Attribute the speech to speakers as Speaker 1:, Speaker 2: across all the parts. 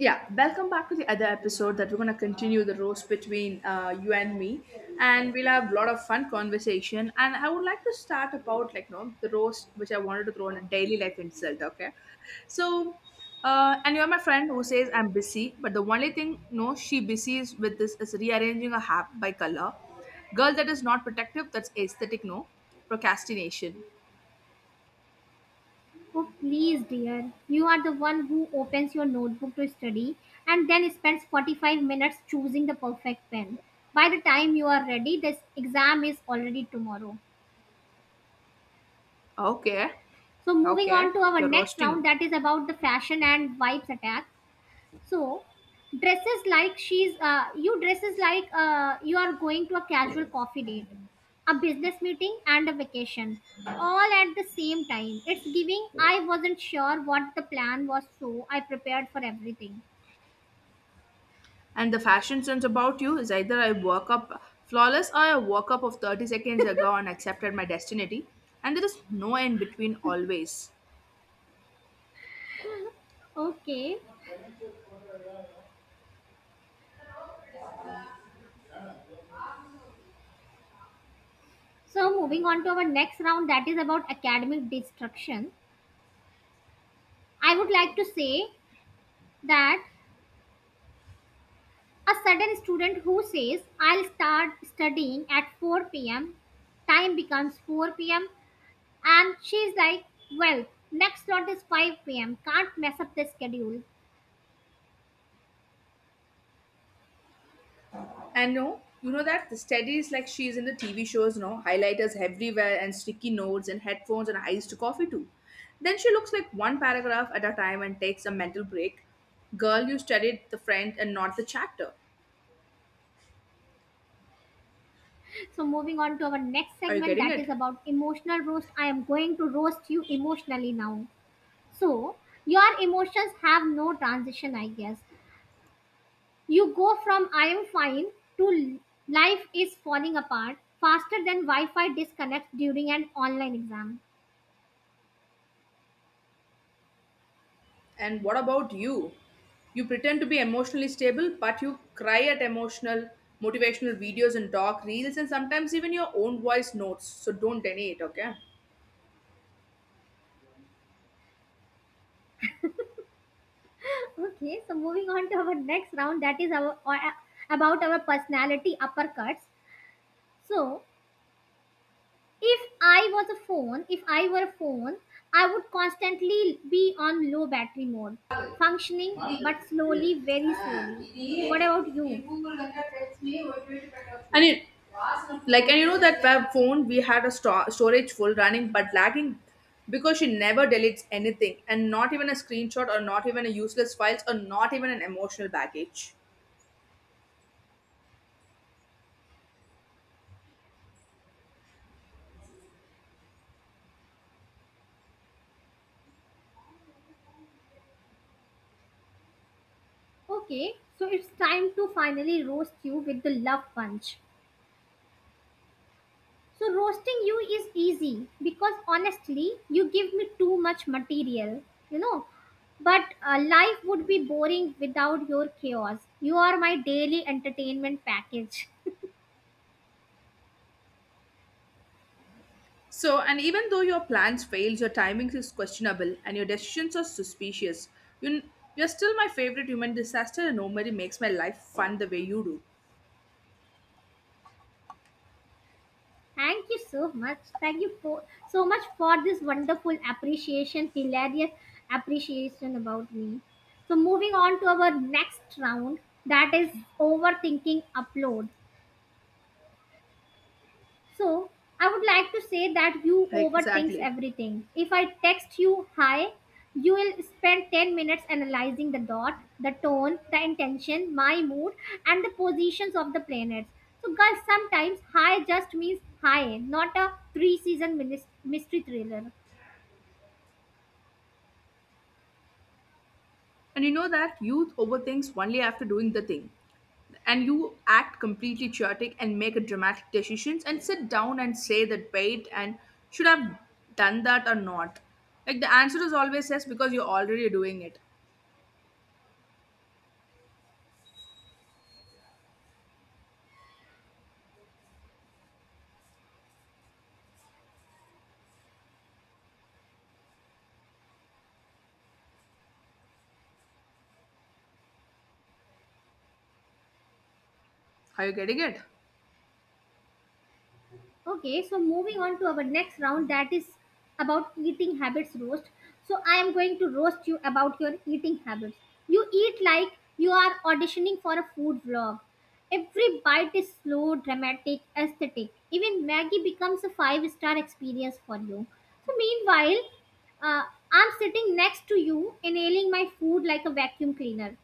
Speaker 1: Yeah, welcome back to the other episode that we're going to continue the roast between you and me, and we'll have a lot of fun conversation. And I would like to start about like no the roast which I wanted to throw on a daily life insult. Okay, so and you're my friend who says I'm busy, but the only thing no she busy is with this is rearranging a hat by color. Girl, that is not protective, that's aesthetic. No procrastination.
Speaker 2: Oh, please, dear. You are the one who opens your notebook to study and then spends 45 minutes choosing the perfect pen. By the time you are ready, this exam is already tomorrow.
Speaker 1: Okay,
Speaker 2: So, moving on
Speaker 1: okay,
Speaker 2: to our
Speaker 1: you're
Speaker 2: next round
Speaker 1: roasting.
Speaker 2: that is about the fashion and vibes attack. So, dresses like you are going to a casual coffee date, a business meeting, and a vacation all at the same time. It's giving I wasn't sure what the plan was, so I prepared for everything.
Speaker 1: And the fashion sense about you is either I woke up flawless or I woke up of 30 seconds ago and accepted my destiny. And there is no end between always.
Speaker 2: Okay, so moving on to our next round that is about academic destruction. I would like to say that a sudden student who says I'll start studying at 4 p.m., time becomes 4 p.m. and she's like, well, next slot is 5 p.m. Can't mess up the schedule.
Speaker 1: And no, you know that the steady is like she is in the TV shows, no highlighters everywhere and sticky notes and headphones and iced coffee too. Then she looks like one paragraph at a time and takes a mental break. Girl, you studied the friend and not the chapter.
Speaker 2: So, moving on to our next
Speaker 1: Are you
Speaker 2: segment
Speaker 1: getting
Speaker 2: that
Speaker 1: it?
Speaker 2: is about emotional roast. I am going to roast you emotionally now. So, your emotions have no transition, I guess. You go from I am fine to life is falling apart faster than Wi Fi disconnects during an online exam.
Speaker 1: And what about you? You pretend to be emotionally stable, but you cry at emotional, motivational videos and talk reels, and sometimes even your own voice notes. So don't deny it, okay?
Speaker 2: Okay, so moving on to our next round that is about our personality uppercuts. So, If I was a phone, if I were a phone, I would constantly be on low battery mode, functioning but
Speaker 1: And
Speaker 2: slowly, very slowly. What about you?
Speaker 1: it, like, and you know that web phone we had a storage full running but lagging because she never deletes anything, and not even a screenshot, or not even a useless files, or not even an emotional baggage.
Speaker 2: Okay, so it's time to finally roast you with the love punch. So, roasting you is easy because honestly, you give me too much material, you know. But life would be boring without your chaos. You are my daily entertainment package.
Speaker 1: So, and even though your plans fails, your timings is questionable, and your decisions are suspicious, you, you're still my favorite human disaster, and nobody makes my life fun the way you do.
Speaker 2: Thank you so much. Thank you for so much for this wonderful appreciation, hilarious appreciation about me. So moving on to our next round, that is overthinking upload. So, I would like to say that you
Speaker 1: Like,
Speaker 2: overthinks
Speaker 1: exactly.
Speaker 2: everything. If I text you hi, you will spend 10 minutes analyzing the dot, the tone, the intention, my mood, and the positions of the planets. So, guys, sometimes hi just means hi, not a three season mystery thriller.
Speaker 1: And you know that youth overthinks only after doing the thing. And you act completely chaotic and make a dramatic decisions and sit down and say that wait and should I have done that or not. Like the answer is always yes because you're already doing it. Are you getting it?
Speaker 2: Okay, so moving on to our next round that is about eating habits roast. So I am going to roast you about your eating habits. You eat like you are auditioning for a food vlog. Every bite is slow, dramatic, aesthetic. Even Maggie becomes a five-star experience for you. So meanwhile, uh, I'm sitting next to you, inhaling my food like a vacuum cleaner.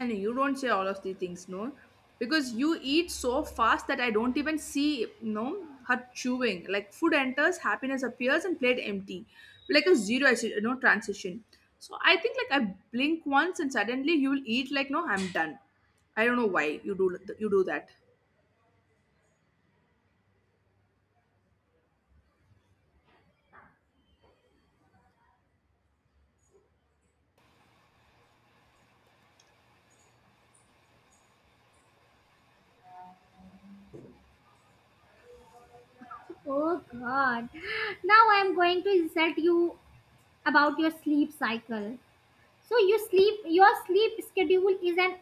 Speaker 1: And you don't say all of these things, no? Because you eat so fast that I don't even see, no, her chewing. Like food enters, happiness appears, and plate empty. Like a zero, you know, transition. So I think like I blink once and suddenly you will eat like, no, I'm done. I don't know why you do that.
Speaker 2: Oh god. Now I am going to insult you about your sleep cycle. So your sleep schedule is an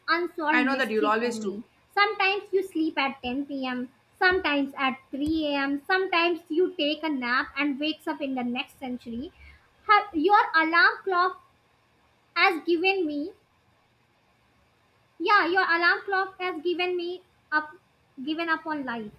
Speaker 1: I
Speaker 2: unsolved
Speaker 1: know that you'll
Speaker 2: mystery for
Speaker 1: always do.
Speaker 2: me. Sometimes you sleep at 10 p.m., sometimes at 3 a.m., sometimes you take a nap and wakes up in the next century. Ha- Your alarm clock has given me yeah, your alarm clock has given me up given up on life.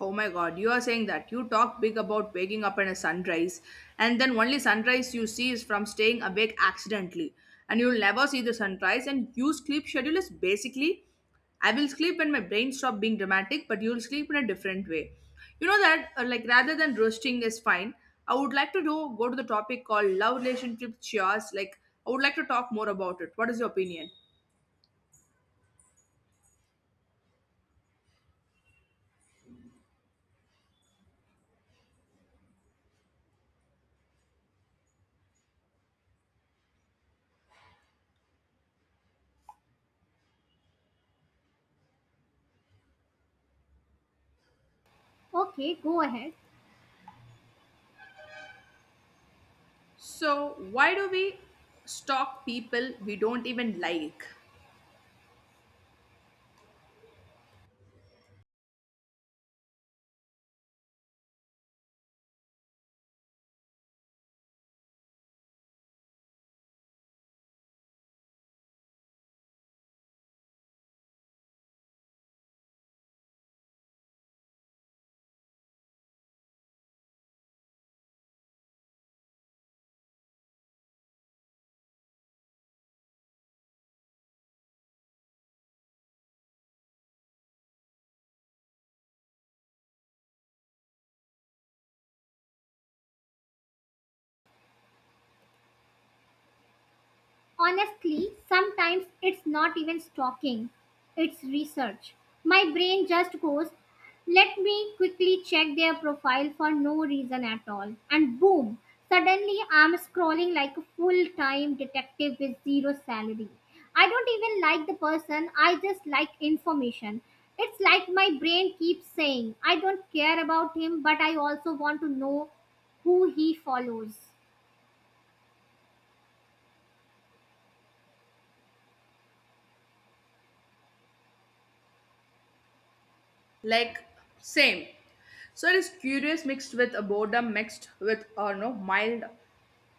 Speaker 1: Oh my god, you are saying that. You talk big about waking up at a sunrise, and then only sunrise you see is from staying awake accidentally. And you'll never see the sunrise, and you sleep schedule is basically I will sleep when my brain stop being dramatic, but you'll sleep in a different way. You know that, like, rather than roasting is fine, I would like to do, go to the topic called love relationship chores. Like, I would like to talk more about it. What is your opinion?
Speaker 2: Okay, go ahead.
Speaker 1: So, why do we stalk people we don't even like?
Speaker 2: Honestly, sometimes it's not even stalking, it's research. My brain just goes, let me quickly check their profile for no reason at all. And boom, suddenly I'm scrolling like a full time detective with zero salary. I don't even like the person, I just like information. It's like my brain keeps saying, I don't care about him, but I also want to know who he follows.
Speaker 1: Like same. So it is curious mixed with a boredom mixed with or no mild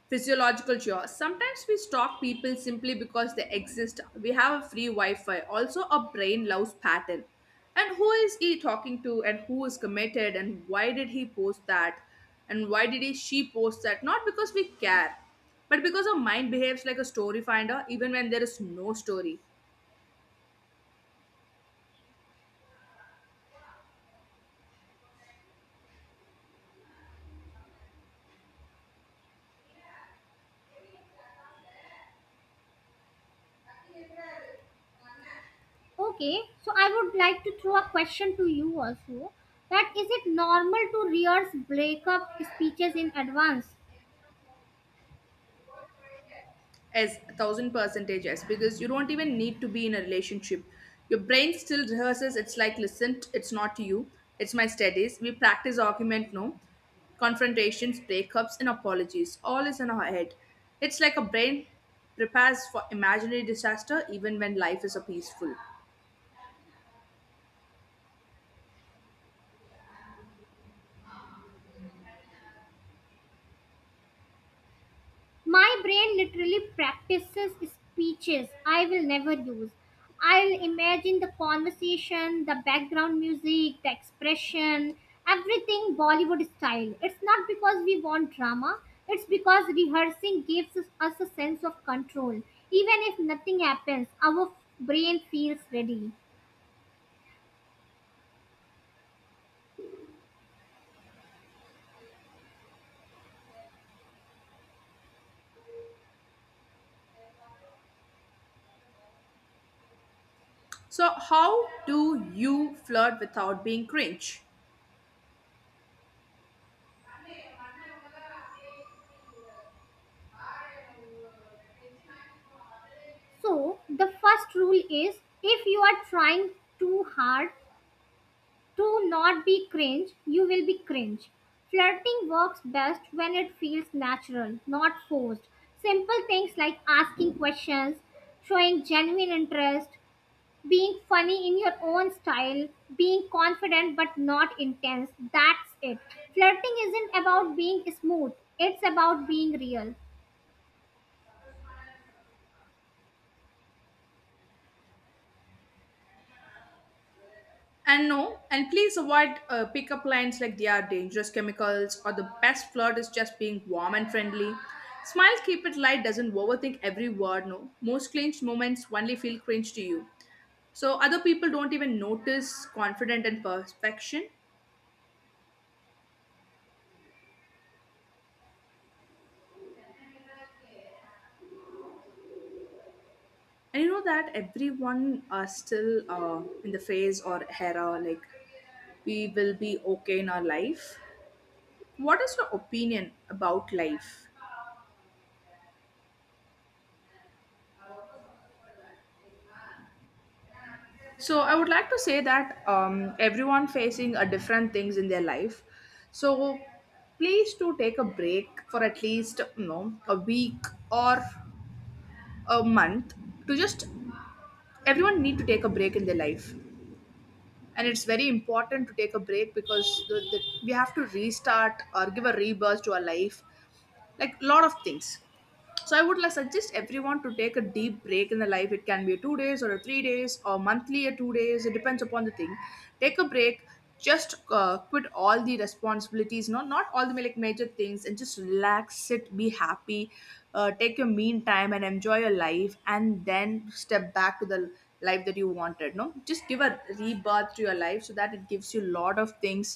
Speaker 1: physiological cure. Sometimes we stalk people simply because they exist. We have a free Wi-Fi. Also, our brain loves pattern. And who is he talking to? And who is committed? And why did he post that? And why did he she post that? Not because we care, but because our mind behaves like a story finder, even when there is no story.
Speaker 2: Okay, so I would like to throw a question to you also. That is it normal to rehearse breakup speeches in advance?
Speaker 1: As a thousand percentage yes, because you don't even need to be in a relationship, your brain still rehearses. It's like listen, it's not you, it's my studies. We practice argument, no, confrontations, breakups and apologies, all is in our head. It's like a brain prepares for imaginary disaster even when life is a peaceful.
Speaker 2: My brain literally practices speeches I will never use. I'll imagine the conversation, the background music, the expression, everything Bollywood style. It's not because we want drama, it's because rehearsing gives us a sense of control. Even if nothing happens, our brain feels ready.
Speaker 1: So how do you flirt without being cringe?
Speaker 2: So, the first rule is if you are trying too hard to not be cringe, you will be cringe. Flirting works best when it feels natural, not forced. Simple things like asking questions, showing genuine interest, being funny in your own style, being confident but not intense, that's it. Flirting isn't about being smooth, it's about being real.
Speaker 1: And no, and please avoid pickup lines like they are dangerous chemicals, or the best flirt is just being warm and friendly. Smile, keep it light, doesn't overthink every word, no. Most clinch moments only feel cringe to you. So other people don't even notice confident and perfection. And you know that everyone are still in the phase or era like we will be okay in our life. What is your opinion about life? So I would like to say that everyone facing a different things in their life. So please to take a break for at least you know a week or a month to just everyone need to take a break in their life, and it's very important to take a break because we have to restart or give a rebirth to our life, like a lot of things. So I would like suggest everyone to take a deep break in the life. It can be a 2 days or a 3 days or monthly a 2 days, it depends upon the thing. Take a break, just quit all the responsibilities, no, not all the like major things, and just relax, sit, be happy. Take your mean time and enjoy your life and then step back to the life that you wanted, no, just give a rebirth to your life so that it gives you a lot of things.